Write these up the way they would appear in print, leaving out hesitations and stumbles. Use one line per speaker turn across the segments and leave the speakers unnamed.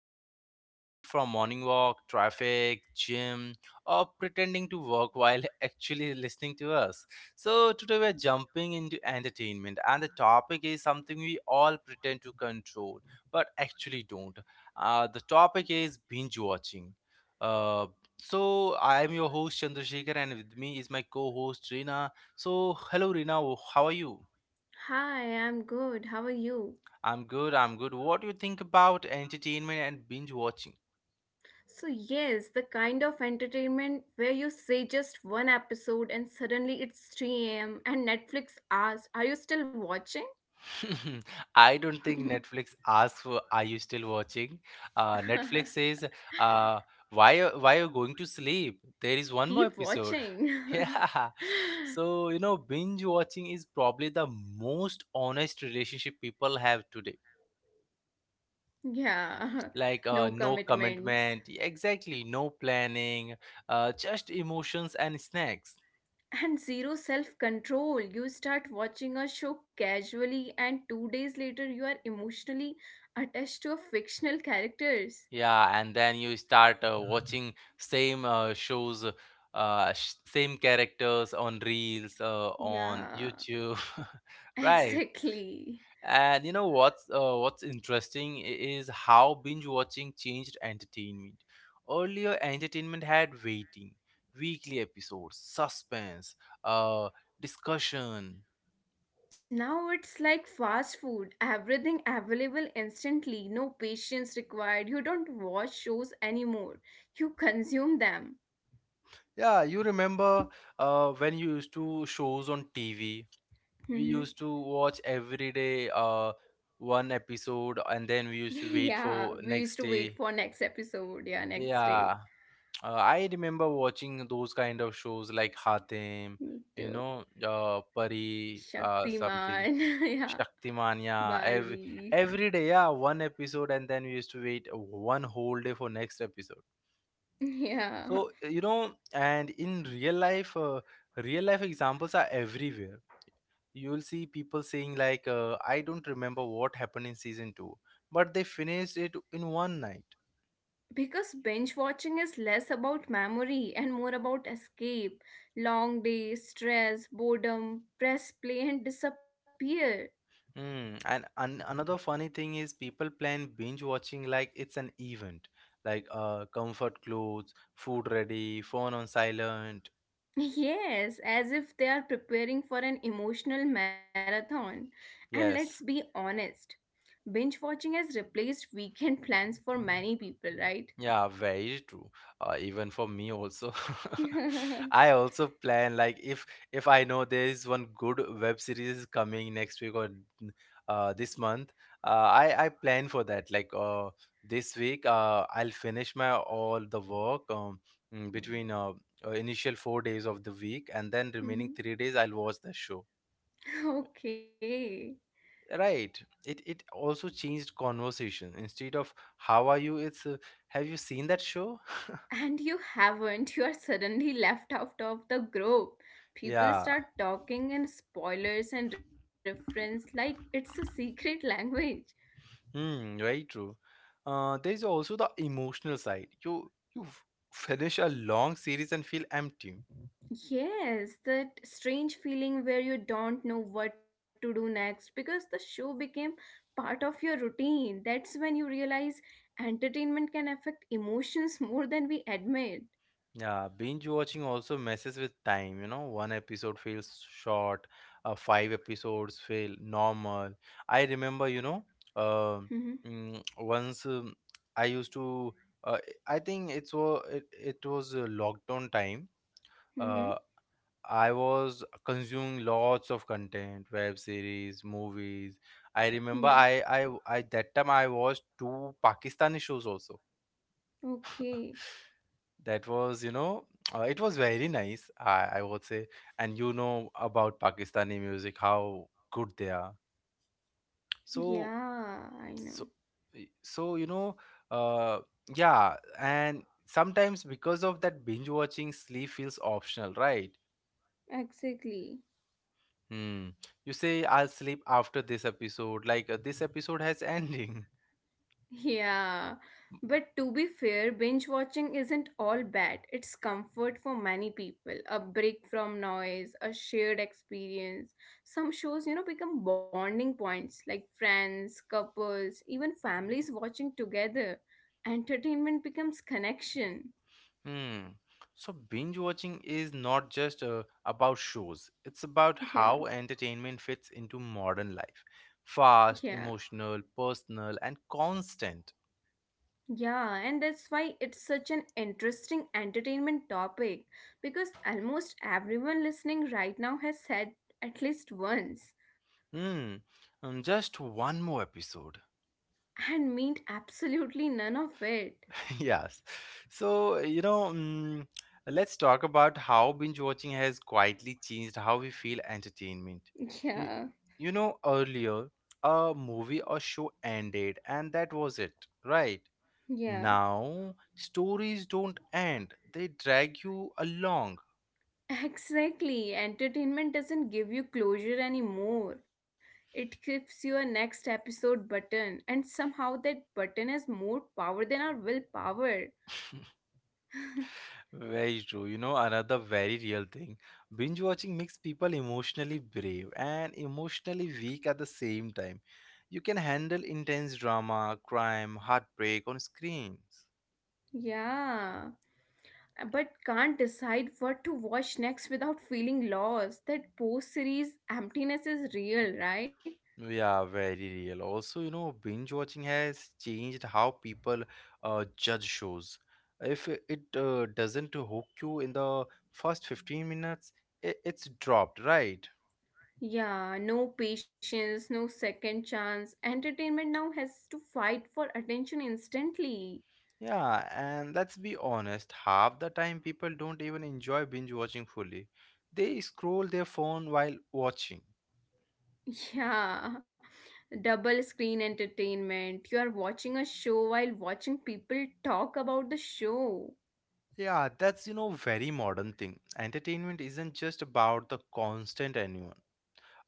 Maybe from morning walk, traffic, gym, or pretending to work while actually listening to us. So, today we're jumping into entertainment, and the topic is something we all pretend to control but actually don't. The topic is binge watching. Uh, so, I am your host Chandrasekhar, and with me is my co host Reena. So, hello Rina, how are you?
Hi, I'm good. How are you?
I'm good, I'm good. What do you think about entertainment and binge watching?
So, yes, the kind of entertainment where you say just one episode and suddenly it's 3 a.m. and Netflix asks, Are you still watching?
I don't think Netflix asks for are you still watching? Netflix says, uh, why are you going to sleep? There is one more
Keep
episode.
watching.
Yeah. So, you know, binge watching is probably the most honest relationship people have today.
yeah,
Like
no
no
commitments
commitment, exactly, no planning, just emotions and snacks.
and zero self control. You start watching a show casually, and 2 days later, you are emotionally attached to a fictional characters.
Yeah, and then you start watching same shows, same characters on Reels, on
Yeah,
YouTube, right?
exactly.
And you know what's interesting is how binge watching changed entertainment. Earlier, entertainment had waiting, weekly episodes, suspense, uh, discussion.
Now it's like fast food, everything available instantly, no patience required. You don't watch shows anymore, you consume them.
Yeah, you remember when you used to shows on TV, we
Mhm.
used to watch every day, one episode, and then we used to wait
yeah,
for
we used
next
to wait
day.
for next episode, yeah, next day.
Yeah, I remember watching those kind of shows like hatem,
Me
you
too.
know, pari something,
Shaktiman, yeah,
Shaktimania. every
Balveer.
every day, yeah, one episode and then we used to wait one whole day for next episode.
Yeah,
So you know, and in real life, real life examples are everywhere. You'll see people saying like, I don't remember what happened in season 2, but they finished it in one night.
because binge watching is less about memory and more about escape. Long day, stress, boredom, press play and disappear.
Hmm. And another funny thing is people plan binge watching like it's an event. Like comfort clothes, food ready, phone on silent.
Yes, as if they are preparing for an emotional marathon. And let's be
Yes.
honest, binge watching has replaced weekend plans for many people, right?
Yeah, very true. Even for me also, I also plan like if I know there is one good web series coming next week this month, I plan for that. Like this week, I'll finish my all the work, between initial 4 days of the week, and then remaining
Mhm.
3 days I'll watch the show.
okay.
Right. It also changed conversation. Instead of how are you, it's have you seen that show?
And you haven't, you are suddenly left out of the group. People
Yeah.
start talking in spoilers and reference like it's a secret language.
Hmm, very true. There's also the emotional side. You finish a long series and feel empty.
Yes, that strange feeling where you don't know what to do next because the show became part of your routine. That's when you realize entertainment can affect emotions more than we admit.
Yeah, binge watching also messes with time, you know. One episode feels short, five episodes feel normal. I remember, you know, uh,
Mm-hmm.
once I used to, uh, I think it was a lockdown time. Uh,
Mm-hmm.
I was consuming lots of content, web series, movies. I remember
Yeah.
I that time I watched two Pakistani shows also.
Okay.
That was, you know, it was very nice, I would say. And you know about Pakistani music, how good they are. So,
Yeah, I know.
so, so you know, uh, yeah. And sometimes because of that binge watching, sleep feels optional, right?
Exactly.
Hmm. You say I'll sleep after this episode, like this episode has ending.
Yeah, but to be fair, binge watching isn't all bad. It's comfort for many people, a break from noise, a shared experience. Some shows, you know, become bonding points like friends, couples, even families watching together. Entertainment becomes connection.
Hmm. So binge watching is not just about shows. It's about how
Yeah,
entertainment fits into modern life. Fast,
yeah.
emotional, personal, and constant.
Yeah, and that's why it's such an interesting entertainment topic because almost everyone listening right now has said at least once.
Hmm. Just one more episode.
And meant absolutely none of it.
Yes. So, you know, let's talk about how binge watching has quietly changed how we feel entertainment. You,
Yeah,
you know, earlier a movie or show ended and that was it, right?
yeah,
Now, stories don't end, they drag you along.
exactly. Entertainment doesn't give you closure anymore. It gives you a next episode button, and somehow that button has more power than our willpower.
Very true. You know, another very real thing. Binge watching makes people emotionally brave and emotionally weak at the same time. You can handle intense drama, crime, heartbreak on screens.
Yeah, but can't decide what to watch next without feeling lost. That post series emptiness is real, right?
Yeah, very real. Also, you know, binge watching has changed how people judge shows. If it doesn't hook you in the first 15 minutes, I it's dropped, right?
Yeah, no patience, no second chance. Entertainment now has to fight for attention instantly.
Yeah, and let's be honest, half the time people don't even enjoy binge watching fully. They scroll their phone while watching.
Yeah, double screen entertainment. You are watching a show while watching people talk about the show.
Yeah, that's you know very modern thing. Entertainment isn't just about the constant anyone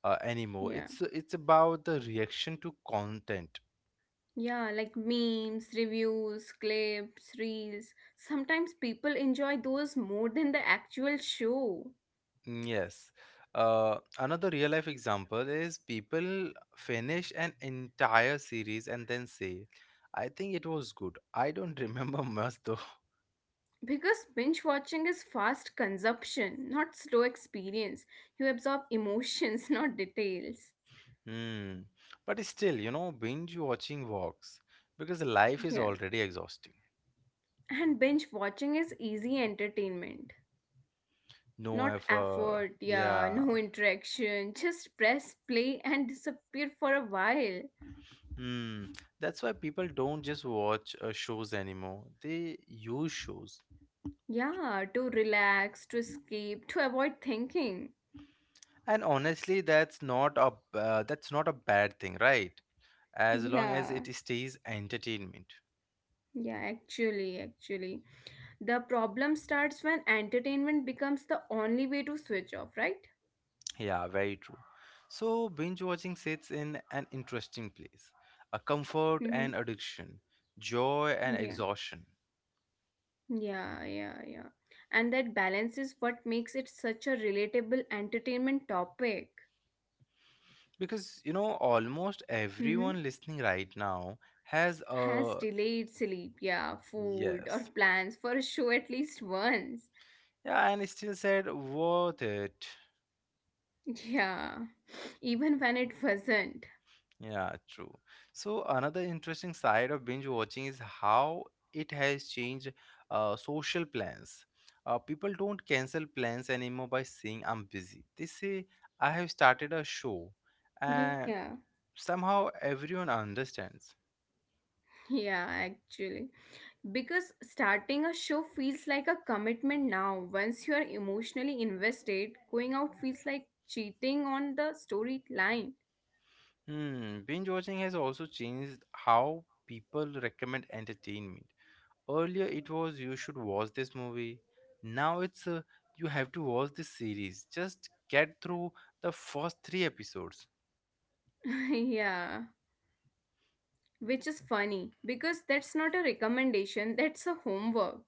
anymore.
Yeah.
It's about the reaction to content.
Yeah, like memes, reviews, clips, reels. Sometimes people enjoy those more than the actual show.
Yes. Another real life example is people finish an entire series and then say, "I think it was good. I don't remember much though."
Because binge watching is fast consumption, not slow experience. You absorb emotions, not details.
Hmm. But still, you know, binge watching works because life is
Yeah.
already exhausting.
And binge watching is easy entertainment.
No
Not
effort.
effort, yeah,
Yeah.
no interaction. Just press play and disappear for a while.
Hmm. That's why people don't just watch shows anymore. They use shows.
Yeah, to relax, to escape, to avoid thinking.
And honestly, that's not a bad thing, right? As long
Yeah.
as it stays entertainment.
Yeah, actually. The problem starts when entertainment becomes the only way to switch off, right?
Yeah, very true. So binge watching sits in an interesting place. A comfort and addiction, joy and
Yeah,
exhaustion.
yeah, yeah, yeah. And that balance is what makes it such a relatable entertainment topic.
Because, you know, almost
Hmm
everyone listening right now has
Has
a
delayed sleep, yeah, food, or
yes.
plans for a show at least once.
Yeah, and still said worth it.
Yeah, even when it wasn't.
Yeah, true. So, another interesting side of binge watching is how it has changed social plans. People don't cancel plans anymore by saying I'm busy. They say I have started a show, and
Yeah,
somehow everyone understands.
yeah, actually. Because starting a show feels like a commitment now. Once you are emotionally invested, going out feels like cheating on the storyline.
Hmm, binge watching has also changed how people recommend entertainment. Earlier, it was you should watch this movie. Now it's you have to watch this series. Just get through the first three episodes.
yeah. Which is funny because that's not a recommendation, that's a homework.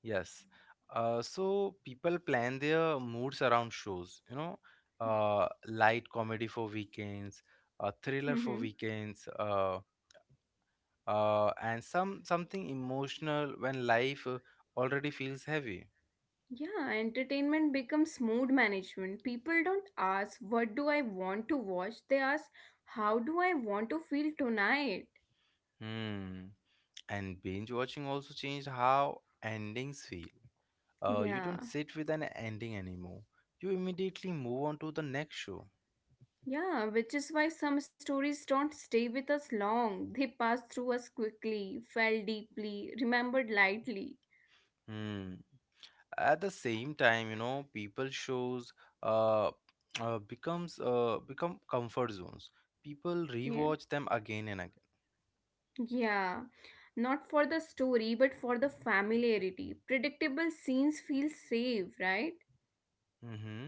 Yes. So people plan their moods around shows. You know, light comedy for weekends, a thriller for
Hmm
weekends, and something emotional when life already feels heavy.
Yeah, entertainment becomes mood management. People don't ask, What do I want to watch? They ask, How do I want to feel tonight?
Hmm. And binge watching also changed how endings feel. You
Yeah,
don't sit with an ending anymore. You immediately move on to the next show.
yeah, which is why some stories don't stay with us long. They pass through us quickly, felt deeply, remembered lightly.
Hmm. At the same time, you know, people shows uh, become comfort zones. People
Yeah,
rewatch them again and again.
yeah not for the story but for the familiarity predictable scenes feel safe right
Mm-hmm.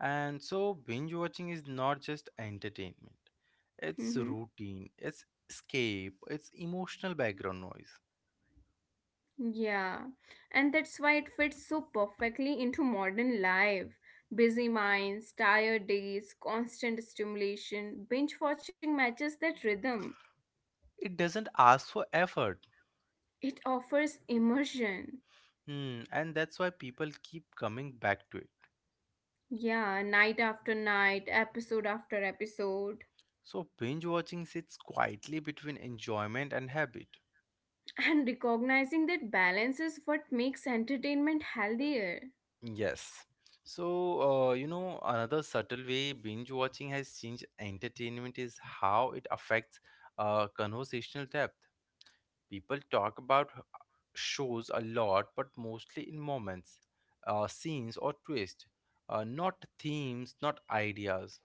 And so binge watching is not just entertainment. It's
Mm-hmm.
routine. It's escape. It's emotional background noise.
Yeah, and that's why it fits so perfectly into modern life. Busy minds, tired days, constant stimulation, binge watching matches that rhythm.
It doesn't ask for effort.
It offers immersion.
Hmm, and that's why people keep coming back to it.
Yeah, night after night, episode after episode.
So binge watching sits quietly between enjoyment and habit.
And recognizing that balance is what makes entertainment healthier.
Yes. So, you know, another subtle way binge watching has changed entertainment is how it affects conversational depth. People talk about shows a lot, but mostly in moments, scenes, or twists, not themes, not ideas.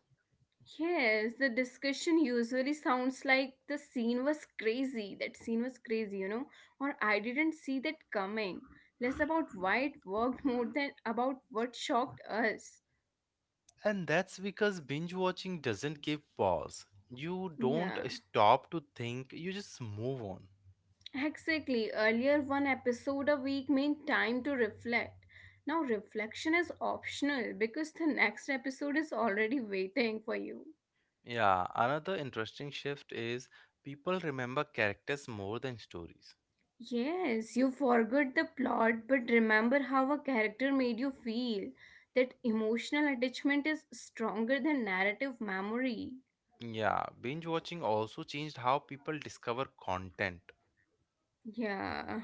Yes, the discussion usually sounds like the scene was crazy. That scene was crazy, you know, or I didn't see that coming. Less about why it worked more than about what shocked us.
And that's because binge watching doesn't give pause. You
Yeah,
don't stop to think, you just move on.
exactly. Earlier, one episode a week meant time to reflect. Now, reflection is optional because the next episode is already waiting for you.
Yeah, another interesting shift is people remember characters more than stories.
Yes, you forgot the plot, but remember how a character made you feel. That emotional attachment is stronger than narrative memory.
Yeah, binge watching also changed how people discover content.
Yeah,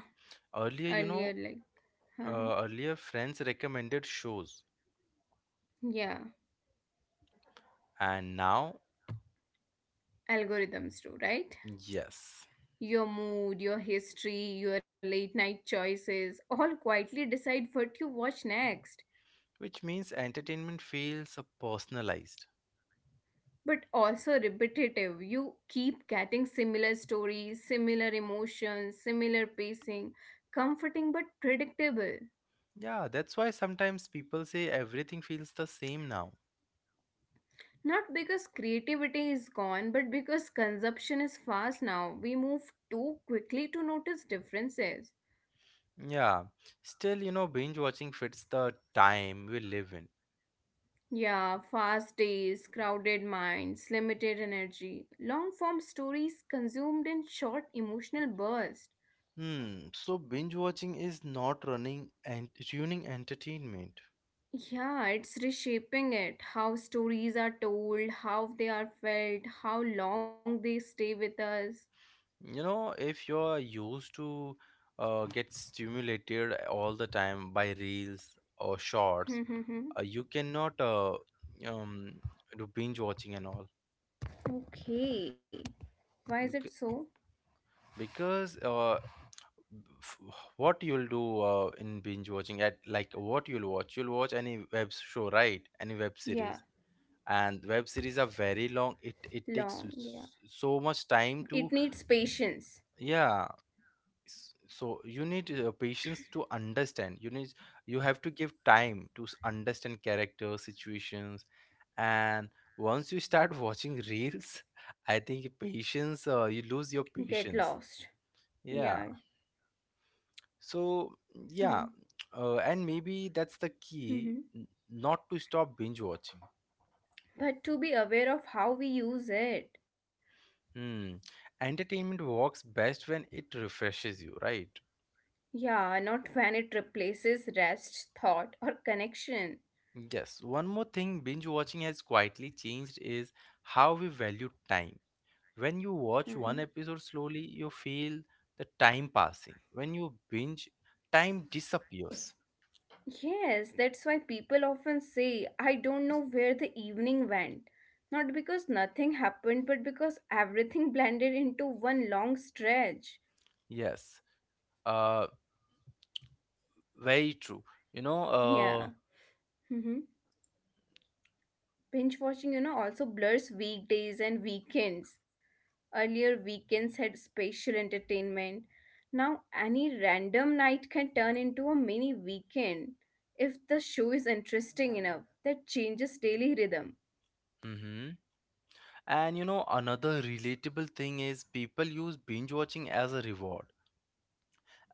Earlier, you
earlier,
know,
like, huh?
earlier friends recommended shows,
yeah,
and now,
algorithms too, right?
yes,
Your mood, your history, your late night choices all quietly decide what you watch next.
which means entertainment feels personalized.
But also repetitive. You keep getting similar stories, similar emotions, similar pacing, comforting but predictable.
Yeah, that's why sometimes people say everything feels the same now.
Not because creativity is gone, but because consumption is fast now. We move too quickly to notice differences.
Yeah, still, you know, binge watching fits the time we live in.
Yeah, fast days, crowded minds, limited energy, long form stories consumed in short emotional bursts.
Hmm, so binge watching is not running and ruining entertainment.
Yeah, it's reshaping it. How stories are told, how they are felt, how long they stay with us.
You know, if you're used to get stimulated all the time by reels or shorts, you cannot um, do binge watching and all.
okay. Why is it
Bec-
so?
Because f- what you'll do in binge watching at like what you'll watch any web show, right? Any web
Yeah,
series, and web series are very long. It takes
long. Yeah.
so much time
It
to,
needs patience.
yeah, so you need patience to understand. You need you have to give time to understand characters, situations, and once you start watching reels I think patience you lose your
Get
patience,
lost.
yeah,
Yeah.
so yeah.
Hmm.
And maybe that's the key,
hmm
not to stop binge watching.
But to be aware of how we use it.
Hmm, entertainment works best when it refreshes you, right?
Yeah, not when it replaces rest, thought, or connection.
Yes, one more thing binge watching has quietly changed is how we value time. When you watch
Hmm
one episode slowly, you feel the time passing. When you binge, time disappears.
Yes, that's why people often say, I don't know where the evening went. Not because nothing happened, but because everything blended into one long stretch.
Yes, uh, very true. You
Yeah.
know,
hmm Binge watching, you know, also blurs weekdays and weekends. Earlier, weekends had special entertainment. Now, any random night can turn into a mini weekend if the show is interesting enough. That changes daily rhythm.
mhm. And you know, another relatable thing is people use binge watching as a reward.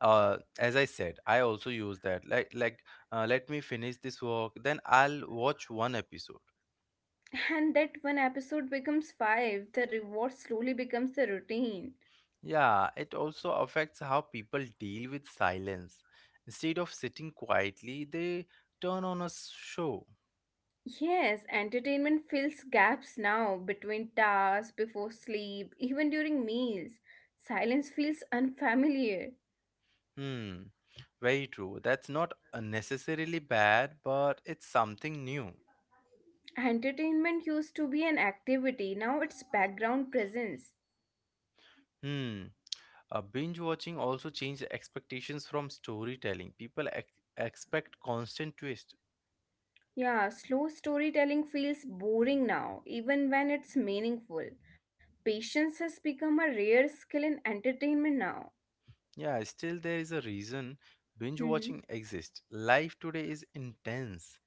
As I said, I also use that. Like, let me finish this work, then I'll watch one episode.
And that one episode becomes five, the reward slowly becomes the routine.
Yeah, it also affects how people deal with silence. Instead of sitting quietly, they turn on a show.
Yes, entertainment fills gaps now between tasks, before sleep, even during meals. Silence feels unfamiliar.
Hmm, very true. That's not necessarily bad, but it's something new.
Entertainment used to be an activity, now it's background presence.
Hmm. Binge watching also changed expectations from storytelling. People expect constant twist.
Yeah, slow storytelling feels boring now, even when it's meaningful. Patience has become a rare skill in entertainment now.
Yeah, still there is a reason binge watching
Mhm.
exists. Life today is intense.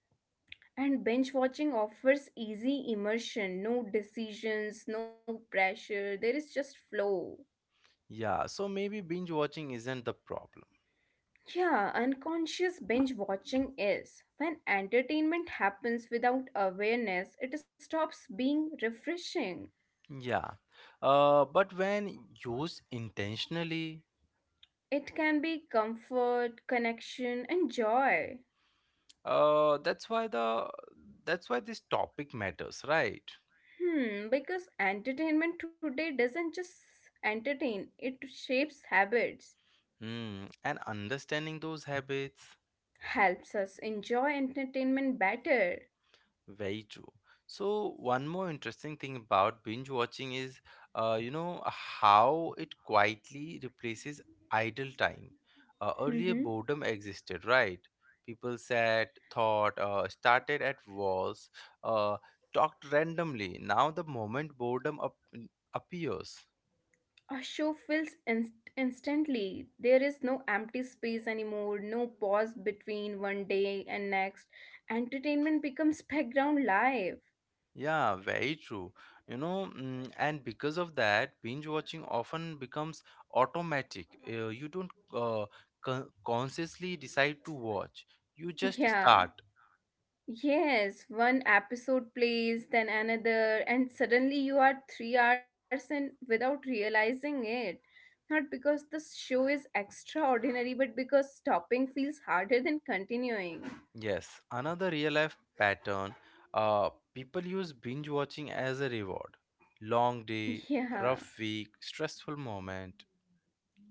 And binge watching offers easy immersion, no decisions, no pressure, there is just flow.
Yeah, so maybe binge watching isn't the problem.
Yeah, unconscious binge watching is when entertainment happens without awareness, it stops being refreshing.
Yeah, but when used intentionally,
It can be comfort, connection, and joy.
that's why the that's why this topic matters, right?
Hmm, because entertainment today doesn't just entertain, it shapes habits,
Mm. And understanding those habits,
helps us enjoy entertainment better.
very true. So, one more interesting thing about binge watching is, you know, how it quietly replaces idle time. Earlier,
Mm-hmm.
boredom existed, right? People sat, thought, started at walls, uh, talked randomly. Now, the moment boredom up appears,
A show fills instantly. There is no empty space anymore, no pause between one day and next. Entertainment becomes background life.
yeah, very true. You know, and because of that, binge watching often becomes automatic. You don't consciously decide to watch, you just
Yeah.
start.
Yes, one episode plays, then another, and suddenly you are 3 hours in without realizing it. Not because the show is extraordinary, but because stopping feels harder than continuing.
Yes, another real life pattern, people use binge watching as a reward. Long day,
Yeah,
rough week, stressful moment.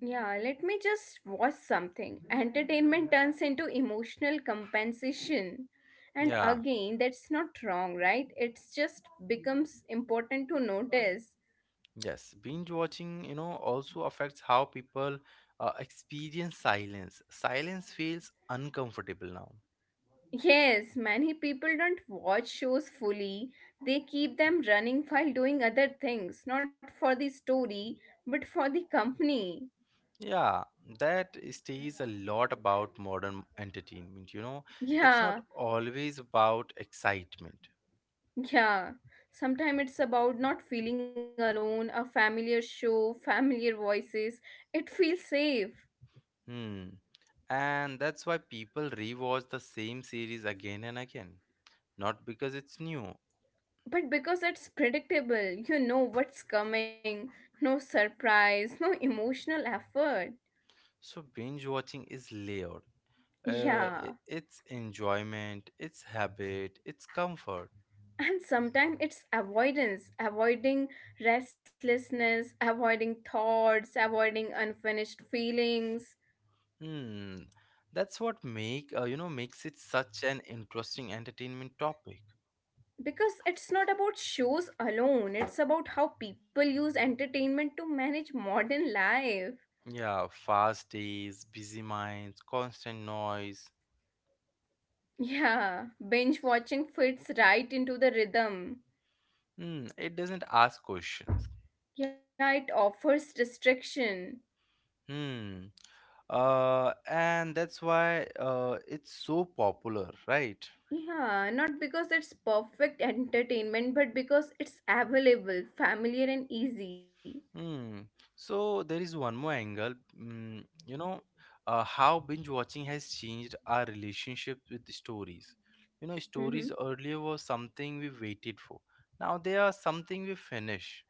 yeah, let me just watch something. Entertainment turns into emotional compensation. And
Yeah,
again, that's not wrong, right? It's just becomes important to notice.
yes, binge watching, you know, also affects how people experience silence. Silence feels uncomfortable now.
Yes, many people don't watch shows fully. They keep them running while doing other things, not for the story, but for the company.
Yeah, that stays a lot about modern entertainment, you know. It's not
Yeah,
always about excitement.
yeah. Sometimes it's about not feeling alone, a familiar show, familiar voices. It feels safe.
Hmm. And that's why people rewatch the same series again and again, not because it's new.
But because it's predictable, you know what's coming. No surprise, no emotional effort.
So binge watching is layered.
Yeah.
It's enjoyment, it's habit, it's comfort.
and sometimes it's avoidance avoiding restlessness avoiding thoughts avoiding unfinished feelings
Hmm. That's what make, you know, makes it such an interesting entertainment topic.
because it's not about shows alone it's about how people use entertainment to manage modern life
Yeah, fast days, busy minds, constant noise.
yeah binge watching fits right into the rhythm
Hmm, it doesn't ask questions.
yeah it offers distraction
Hmm. And that's why it's so popular, right?
yeah not because it's perfect entertainment but because it's available familiar and easy
Hmm. So there is one more angle. You know, how binge watching has changed our relationship with the stories. You know, stories
Mm-hmm.
earlier was something we waited for. Now they are something we finish.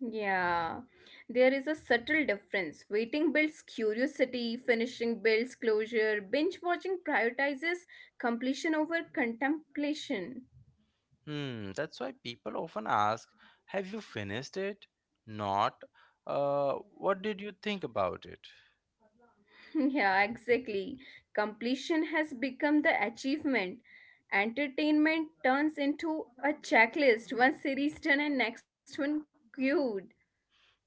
Yeah, there is a subtle difference. Waiting builds curiosity, finishing builds closure, binge watching prioritizes completion over contemplation.
Hmm, that's why people often ask, have you finished it? Not, what did you think about it?
yeah, exactly. Completion has become the achievement. Entertainment turns into a checklist. One series done and next one queued.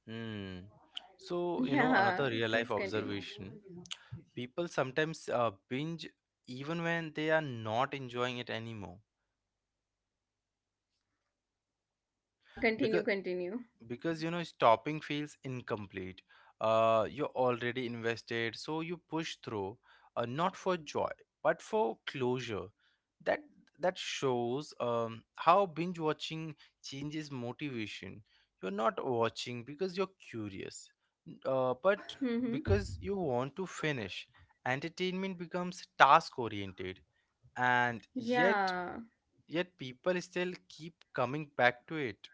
Hmm. So, you know,
Yeah,
another real
please
life
continue.
observation, people sometimes binge even when they are not enjoying it anymore.
Yeah, continue,
Because.
continue.
Because, you know, stopping feels incomplete. You're already invested, so you push through, not for joy, but for closure. That that shows how binge watching changes motivation. You're not watching because you're curious, but
Mm-hmm.
because you want to finish. Entertainment becomes task oriented, and yet
Yeah.
yet people still keep coming back to it.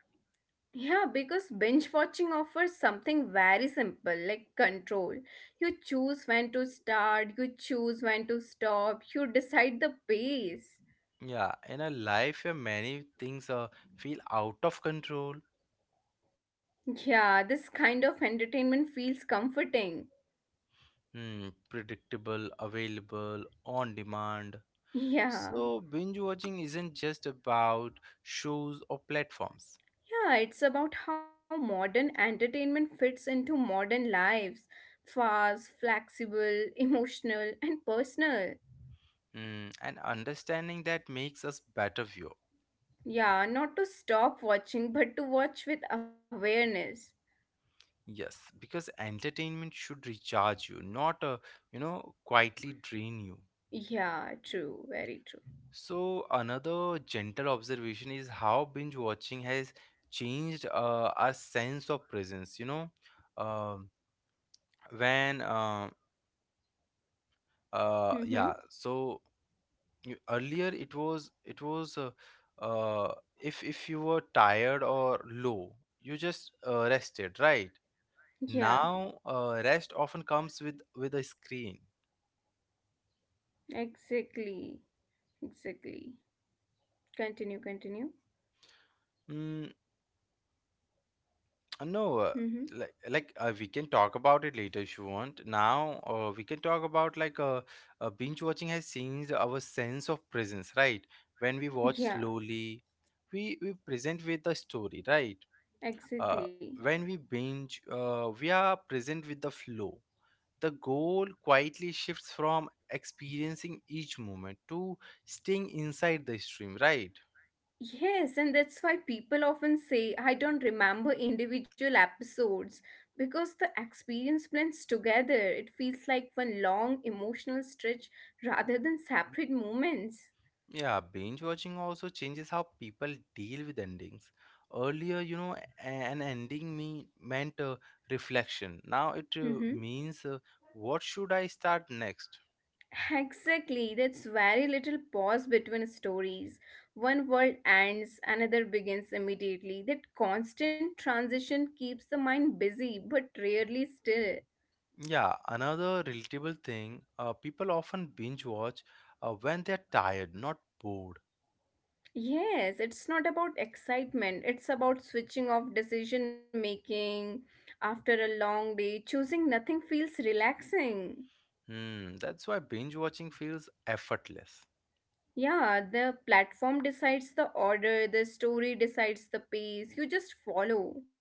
Yeah, because binge watching offers something very simple like control. You choose when to start, you choose when to stop, you decide the pace.
Yeah, in a life where many things feel out of control,
Yeah, this kind of entertainment feels comforting.
hmm, predictable, available, on demand.
Yeah,
So, binge watching isn't just about shows or platforms.
yeah, it's about how modern entertainment fits into modern lives fast, flexible, emotional, and personal.
Hmm, and understanding that makes us better viewer.
Yeah, not to stop watching, but to watch with awareness.
Yes, because entertainment should recharge you, not you know, quietly drain you.
Yeah, true, very true.
So, another gentle observation is how binge watching has changed our sense of presence. You know, Um when
Mm-hmm.
yeah. So you- earlier it was uh, if you were tired or low, you just rested, right?
Yeah,
Now, rest often comes with a screen.
exactly. Exactly. Continue, continue.
Hmm. No,
Mm-hmm.
we can talk about it later if you want. Now, we can talk about binge watching has changed our sense of presence, right? When we watch
Yeah,
slowly, we present with the story, right? Uh,
exactly.
when we binge, we are present with the flow. The goal quietly shifts from experiencing each moment to staying inside the stream, right?
Yes, and that's why people often say, I don't remember individual episodes because the experience blends together. It feels like one long emotional stretch rather than separate moments.
Yeah, binge watching also changes how people deal with endings. Earlier, you know, an ending me meant reflection. Now it
Mm-hmm.
means, what should I start next?
Exactly, that's very little pause between stories. One world ends, another begins immediately. That constant transition keeps the mind busy but rarely still.
Yeah, another relatable thing, people often binge watch when they're tired, not bored.
Yes, it's not about excitement, it's about switching off decision making. After a long day, choosing nothing feels relaxing.
Hmm, that's why binge watching feels effortless.
Yeah, the platform decides the order, the story decides the pace, you just follow.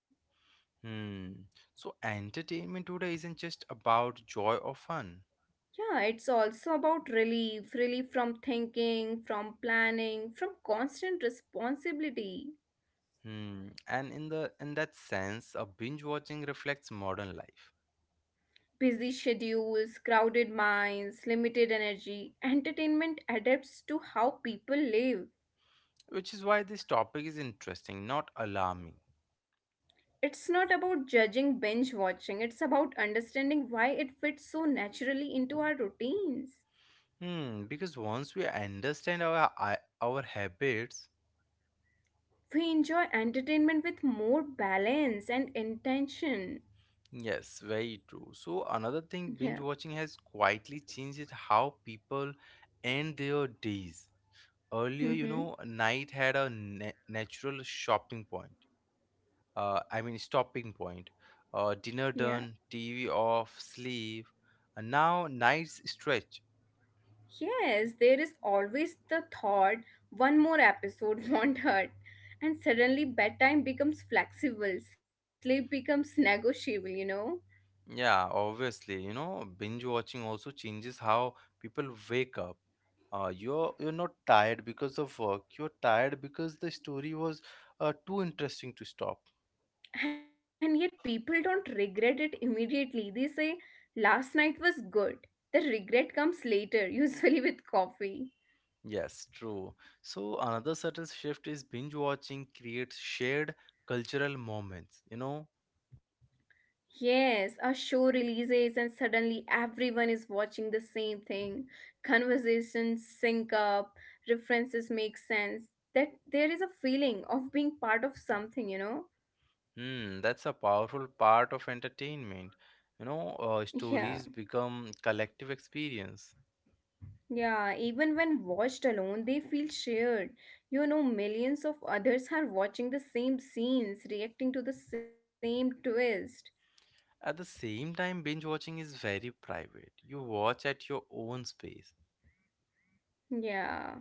Hmm. So, entertainment today isn't just about joy or fun.
Yeah, it's also about relief, relief from thinking, from planning, from constant responsibility.
Hmm. And in the in that sense, a binge watching reflects modern life,
Busy schedules, crowded minds, limited energy, entertainment adapts to how people live.
which is why this topic is interesting, not alarming.
It's not about judging binge watching, it's about understanding why it fits so naturally into our routines.
Hmm. Because once we understand our habits,
We enjoy entertainment with more balance and intention.
yes, very true. So another thing binge
Yeah.
watching has quietly changed is how people end their days. Earlier, you
Mm-hmm.
know, night had a natural shopping point. I mean, stopping point. Dinner
Yeah.
done, TV off, sleep, and now night's stretch.
Yes, there is always the thought one more episode won't hurt. And suddenly bedtime becomes flexible, sleep becomes negotiable, you know?
Yeah, obviously, you know, binge watching also changes how people wake up. You're not tired because of work. You're tired because the story was too interesting to stop.
And yet people don't regret it immediately. They say, last night was good. The regret comes later, usually with coffee.
Yes, true. So another subtle shift is binge watching creates shared cultural moments. You know,
Yes, a show releases and suddenly everyone is watching the same thing. Conversations sync up, references make sense. That there is a feeling of being part of something, you know?
hmm, that's a powerful part of entertainment. You know,
Yeah,
stories become collective experience.
yeah. Even when watched alone, they feel shared. You know, millions of others are watching the same scenes, reacting to the same twist.
At the same time, binge watching is very private. You watch at your own space.
Yeah.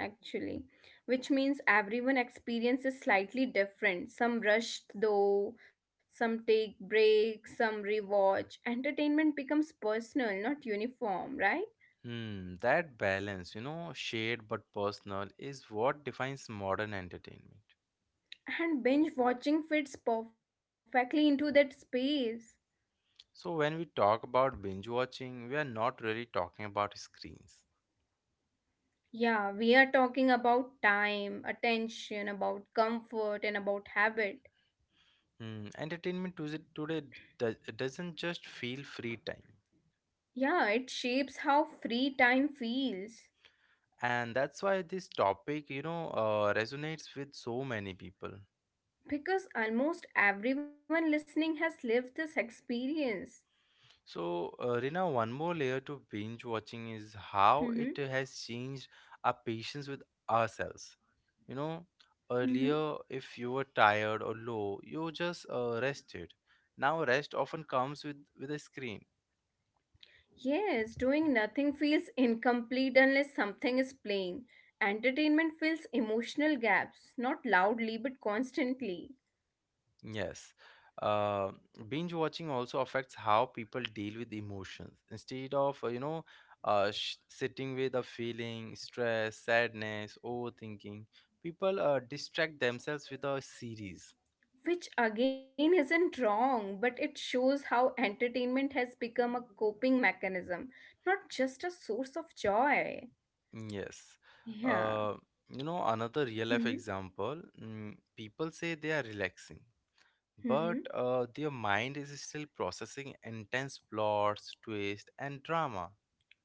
Actually, which means everyone experience is slightly different. Some rushed though, some take breaks, some rewatch. Entertainment becomes personal, not uniform, right?
Hmm, that balance, you know, shared but personal, is what defines modern entertainment.
And binge watching fits perfectly into that space.
So, when we talk about binge watching, we are not really talking about screens.
Yeah, we are talking about time, attention, about comfort, and about habit.
Hmm, entertainment today do- doesn't just feel free time,
Yeah, it shapes how free time feels
and that's why this topic, you know, resonates with so many people.
because almost everyone listening has lived this experience.
So, Rina, one more layer to binge watching is how it has changed our patience with ourselves, you know.
Mm-hmm.
Earlier, if you were tired or low, you just rested. Now rest often comes with a screen.
Yes, doing nothing feels incomplete unless something is playing. Entertainment fills emotional gaps, not loudly but constantly.
Yes. Uh, Binge watching also affects how people deal with emotions. Instead of, you know, sitting with a feeling, stress, sadness, overthinking, people distract themselves with a series.
Which again isn't wrong, but it shows how entertainment has become a coping mechanism, not just a source of joy.
Yes.
Yeah.
Uh, you know, another real life
Mm-hmm.
example, people say they are relaxing,
Mm-hmm.
but their mind is still processing intense plots, twists, and drama.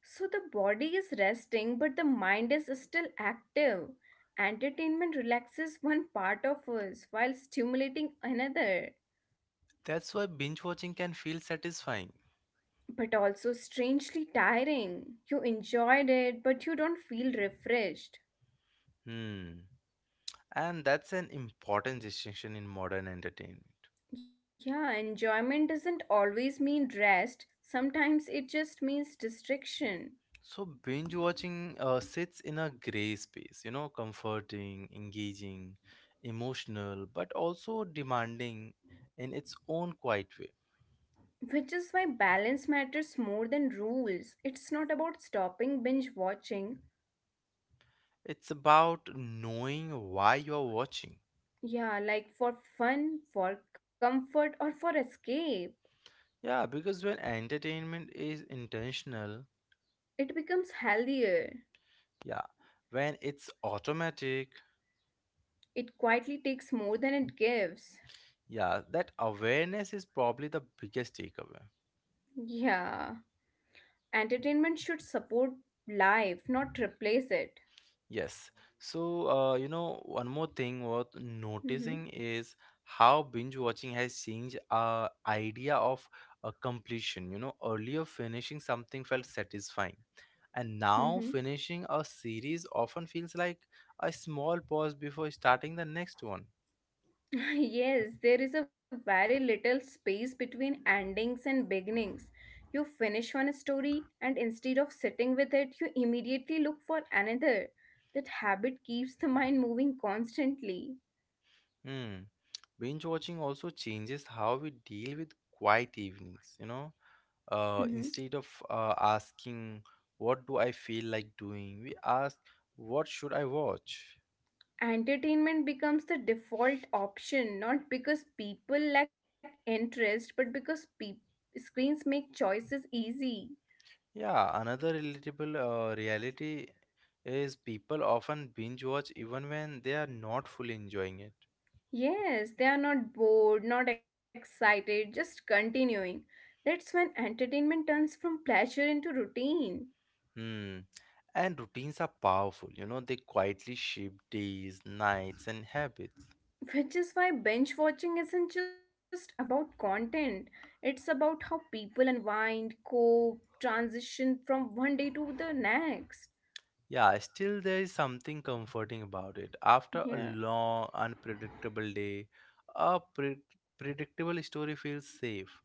So the body is resting, but the mind is still active. Entertainment relaxes one part of us while stimulating another,
That's why binge watching can feel satisfying.
but also strangely tiring. You enjoyed it, but you don't feel refreshed.
Hmm. And that's an important distinction in modern entertainment.
Yeah, enjoyment doesn't always mean rest, sometimes it just means distraction.
So, binge watching sits in a gray space, you know, comforting, engaging, emotional, but also demanding in its own quiet way.
Which is why balance matters more than rules. It's not about stopping binge watching.
It's about knowing why you're watching.
Yeah, like for fun, for comfort, or for escape.
Yeah, because when entertainment is intentional,
It becomes healthier.
yeah, when it's automatic,
It quietly takes more than it gives.
yeah, that awareness is probably the biggest takeaway.
Yeah. Entertainment should support life, not replace it.
Yes. So, you know, one more thing worth
hmm
noticing is how binge watching has changed our idea of completion. You know, earlier finishing something felt satisfying, and
hmm
now finishing a series often feels like a small pause before starting the next one.
yes, there is a very little space between endings and beginnings. You finish one story, and instead of sitting with it, you immediately look for another. That habit keeps the mind moving constantly.
Hmm. Binge watching also changes how we deal with quiet evenings, you know.
hmm
Instead of asking what do I feel like doing, we ask what should I watch.
Entertainment becomes the default option, not because people lack interest, but because screens make choices easy.
Yeah, another relatable reality is people often binge watch even when they are not fully enjoying it.
Yes, they are not bored, not excited, just continuing. That's when entertainment turns from pleasure into routine.
Hmm. And routines are powerful, you know, they quietly shape days, nights, and habits.
Which is why binge watching isn't just about content, it's about how people unwind, cope, transition from one day to the next.
Yeah, still there is something comforting about it after a
Yeah.
long unpredictable day. A predictable story feels safe.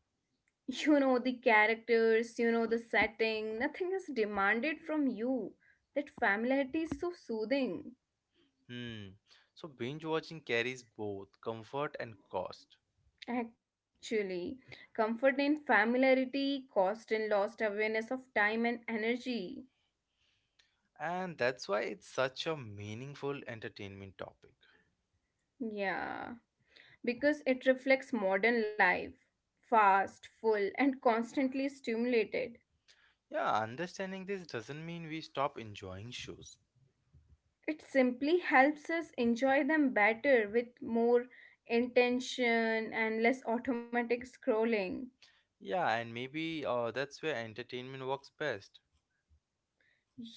You know the characters, you know the setting, nothing is demanded from you. That familiarity is so soothing.
Hmm. So binge watching carries both comfort and cost.
Actually, comfort in familiarity, cost and lost awareness of time and energy.
And that's why it's such a meaningful entertainment topic.
Yeah, because it reflects modern life, fast, full, and constantly stimulated.
Yeah, understanding this doesn't mean we stop enjoying shows.
It simply helps us enjoy them better with more intention and less automatic scrolling.
Yeah, and maybe that's where entertainment works best.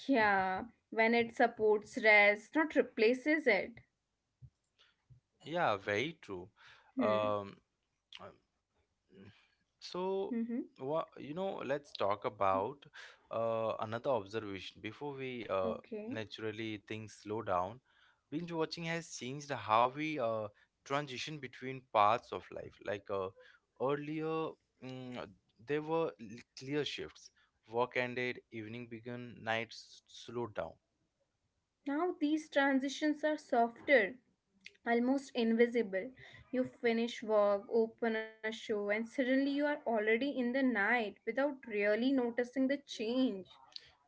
Yeah, when it supports rest, not replaces it.
Yeah, very true. Um,
Hmm.
um, so
Mm-hmm.
what, you know, let's talk about another observation before we
Okay.
naturally things slow down. Binge watching has changed how we transition between parts of life. Earlier, mm, there were clear shifts. Work ended, evening began, nights slowed down.
Now these transitions are softer, almost invisible. You finish work, open a show, and suddenly you are already in the night without really noticing the change.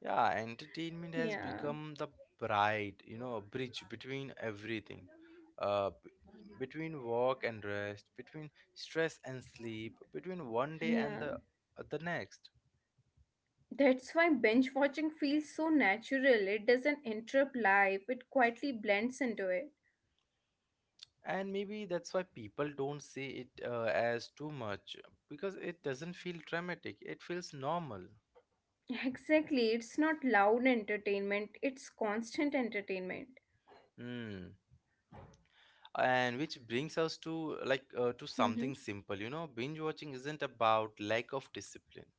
Yeah, entertainment has
Yeah,
become the bridge between everything. Uh, b- between work and rest, between stress and sleep, between one day and
yeah.
the, the next.
That's why binge watching feels so natural. It doesn't interrupt life, it quietly blends into it.
And maybe that's why people don't see it as too much, because it doesn't feel dramatic. It feels normal.
Exactly, it's not loud entertainment, it's constant entertainment.
Hmm. And which brings us to, to something
Mm-hmm.
simple. You know, binge watching isn't about lack of discipline.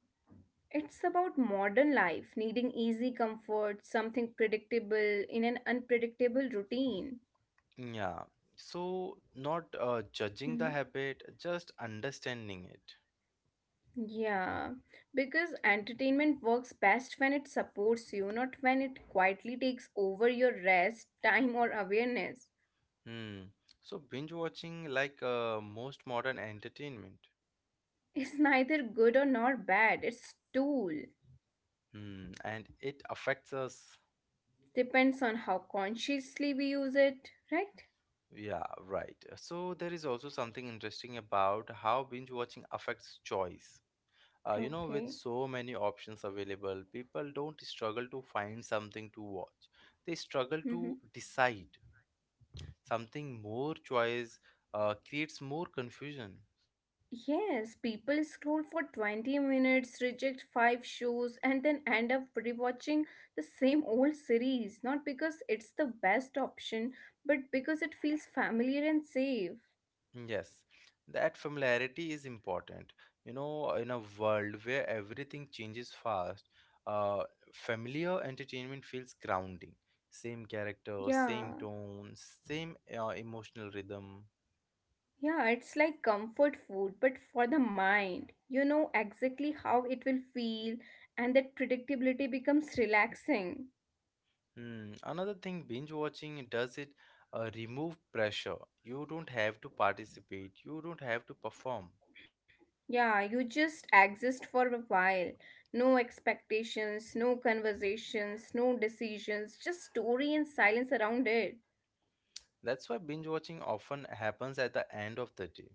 It's about modern life, needing easy comfort, something predictable in an unpredictable routine.
Yeah, so not judging the
Mhm.
habit, just understanding it.
Yeah, because entertainment works best when it supports you, not when it quietly takes over your rest, time, or awareness.
Hmm. So binge watching, most modern entertainment.
It's neither good or nor bad, it's tool.
Hmm. And it affects us.
Depends on how consciously we use it, right?
Yeah, right. So there is also something interesting about how binge watching affects choice. You know,
Okay.
with so many options available, people don't struggle to find something to watch. They struggle
Mm-hmm.
to decide. Something more choice creates more confusion.
Yes, people scroll for 20 minutes, reject 5 shows, and then end up rewatching the same old series, not because it's the best option, but because it feels familiar and safe.
Yes, that familiarity is important. You know, in a world where everything changes fast, uh, familiar entertainment feels grounding. Same character,
Yeah,
same tone, same emotional rhythm.
yeah, it's like comfort food, but for the mind. You know exactly how it will feel, and that predictability becomes relaxing.
Hmm. Another thing binge watching does, it remove pressure. You don't have to participate, you don't have to perform.
Yeah, you just exist for a while. No expectations, no conversations, no decisions, just story and silence around it.
That's why binge watching often happens at the end of the day.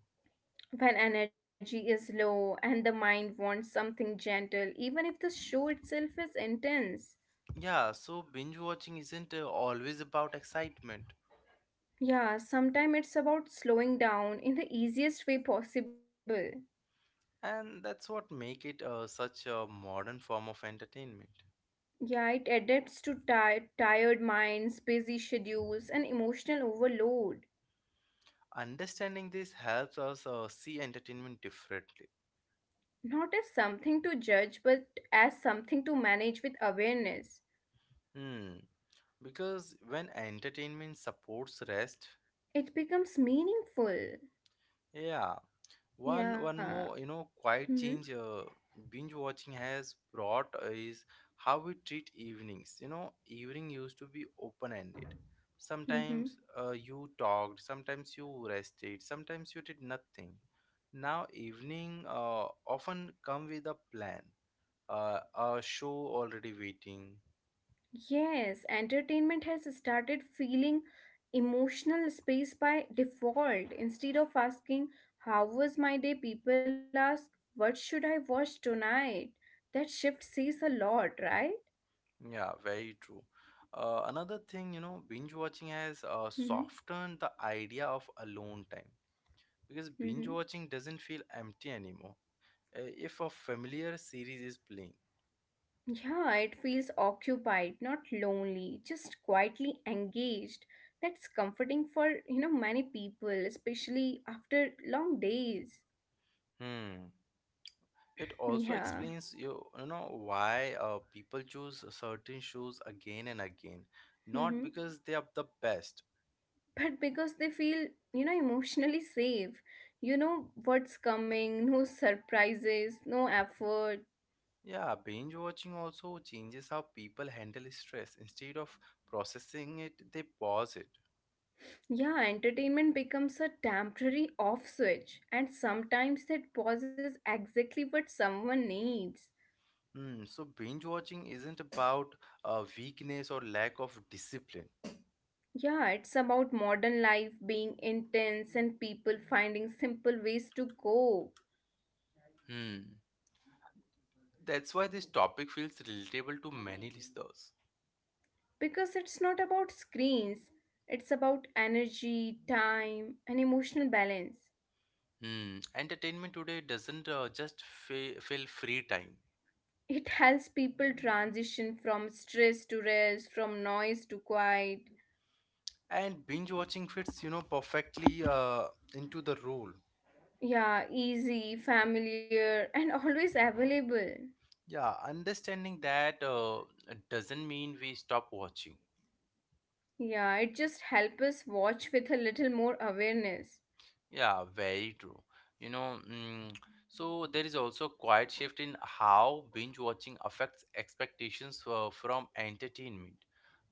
When energy is low and the mind wants something gentle, even if the show itself is intense.
Yeah, so binge watching isn't always about excitement.
Yeah, sometimes it's about slowing down in the easiest way possible.
And that's what make it such a modern form of entertainment.
Yeah, it adapts to tired minds, busy schedules, and emotional overload.
Understanding this helps us see entertainment differently.
Not as something to judge, but as something to manage with awareness.
Hmm, because when entertainment supports rest,
It becomes meaningful.
yeah, one
Yeah.
more, you know, quiet
Mm-hmm.
change binge watching has brought is how we treat evenings. You know, evening used to be open ended. Sometimes
Mm-hmm.
you talked, sometimes you rested, sometimes you did nothing. Now evening often come with a plan, a show already waiting.
Yes, entertainment has started feeling emotional space by default. Instead of asking, "How was my day?" people ask, "What should I watch tonight?" That shift says a lot, right?
Yeah, very true. Another thing, you know, binge watching has
Mm-hmm.
softened the idea of alone time, because binge
Mm-hmm.
watching doesn't feel empty anymore. If a familiar series is playing,
Yeah, it feels occupied, not lonely, just quietly engaged. That's comforting for, you know, many people, especially after long days.
hmm, it also
Yeah.
explains you know, why people choose certain shows again and again, not
Mm-hmm.
because they are the best.
But because they feel, you know, emotionally safe. You know what's coming, no surprises, no effort.
Yeah, binge watching also changes how people handle stress. Instead of processing it, they pause it.
Yeah, entertainment becomes a temporary off switch, and sometimes that pause is exactly what someone needs.
Hmm. So binge watching isn't about weakness or lack of discipline.
Yeah, it's about modern life being intense and people finding simple ways to cope.
Hmm. That's why this topic feels relatable to many listeners.
Because it's not about screens, it's about energy, time, and emotional balance.
Hmm. Entertainment today doesn't just fill free time,
It helps people transition from stress to rest, from noise to quiet.
and binge watching fits, you know, perfectly into the rule.
Yeah, easy, familiar, and always available.
Yeah, understanding that doesn't mean we stop watching.
Yeah, it just helps us watch with a little more awareness.
Yeah, very true. You know, so there is also a quiet shift in how binge watching affects expectations from entertainment.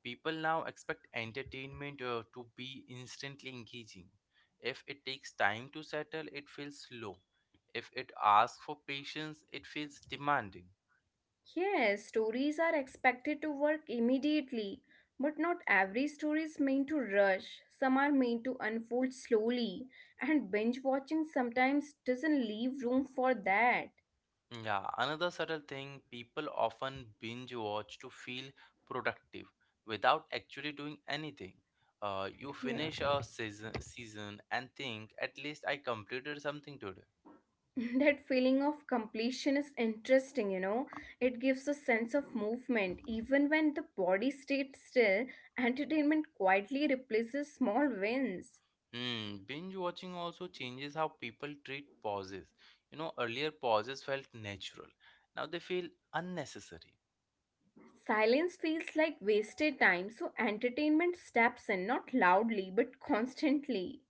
People now expect entertainment to be instantly engaging. If it takes time to settle, it feels slow. If it asks for patience, it feels demanding.
Yes, stories are expected to work immediately, but not every story is meant to rush. Some are meant to unfold slowly, and binge watching sometimes doesn't leave room for that.
Yeah, another subtle thing, people often binge watch to feel productive without actually doing anything. You
Yeah,
finish a season and think, at least I completed something today.
that feeling of completion is interesting, you know. It gives a sense of movement even when the body stays still. Entertainment quietly replaces small wins.
Hmm, binge watching also changes how people treat pauses. You know, earlier pauses felt natural. Now they feel unnecessary.
Silence feels like wasted time, so entertainment steps in, not loudly, but constantly.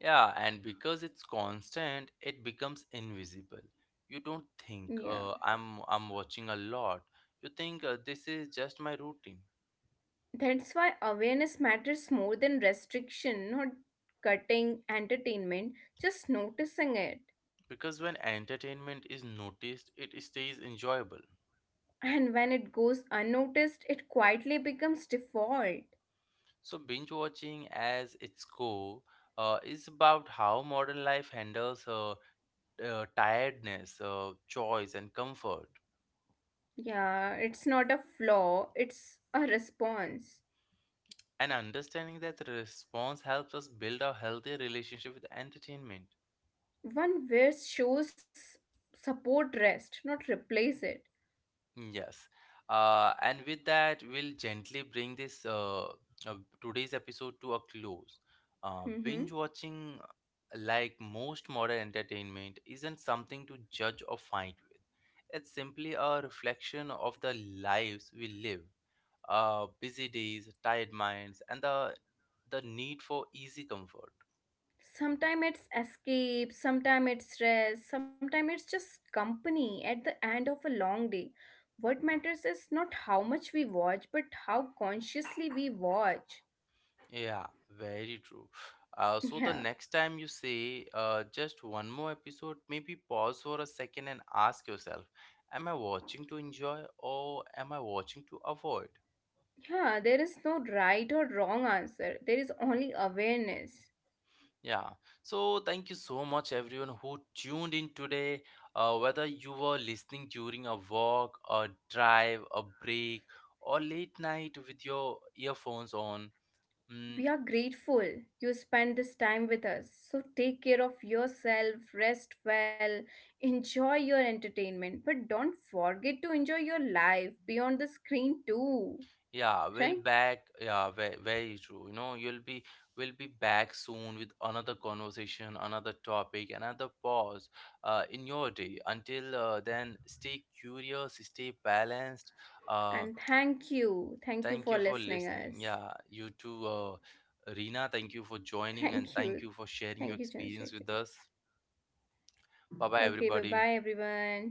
Yeah, and because it's constant, it becomes invisible. You don't think,
Yeah.
I'm watching a lot. You think, this is just my routine.
That's why awareness matters more than restriction, not cutting entertainment, just noticing it.
Because when entertainment is noticed, it stays enjoyable.
And when it goes unnoticed, it quietly becomes default.
So binge watching, as its core, is about how modern life handles tiredness, choice, and comfort.
Yeah, it's not a flaw, it's a response.
And understanding that response helps us build a healthier relationship with entertainment.
One wears shows support rest, not replace it.
Mm, yes. And with that, we'll gently bring this today's episode to a close.
Mm-hmm.
Binge watching, like most modern entertainment, isn't something to judge or fight with. It's simply a reflection of the lives we live, busy days, tired minds, and the need for easy comfort.
Sometimes it's escape, sometimes it's rest, sometimes it's just company at the end of a long day. What matters is not how much we watch, but how consciously we watch.
Yeah, very true. So the
Yeah,
next time you say, just one more episode, maybe pause for a second and ask yourself, am I watching to enjoy, or am I watching to avoid?
yeah, there is no right or wrong answer, there is only awareness.
Yeah. So thank you so much everyone who tuned in today. Whether you were listening during a walk, a drive, a break, or late night with your earphones on.
We
mm,
are grateful you spend this time with us. So take care of yourself, rest well, enjoy your entertainment, but don't forget to enjoy your life beyond the screen too.
Yeah, we'll
Right.
back. Yeah, very, very true. You know, you'll be we'll be back soon with another conversation, another topic, another pause in your day. Until then, stay curious, stay balanced. Uh,
And thank you
Thank
for
you for
listening
listening.
us.
Yeah, you too, Rina. Thank you for joining and
thank you
thank you for sharing your
Thank you,
experience with
Chandrasekhar.
us. Bye bye,
Okay, bye
everybody.
bye, everyone.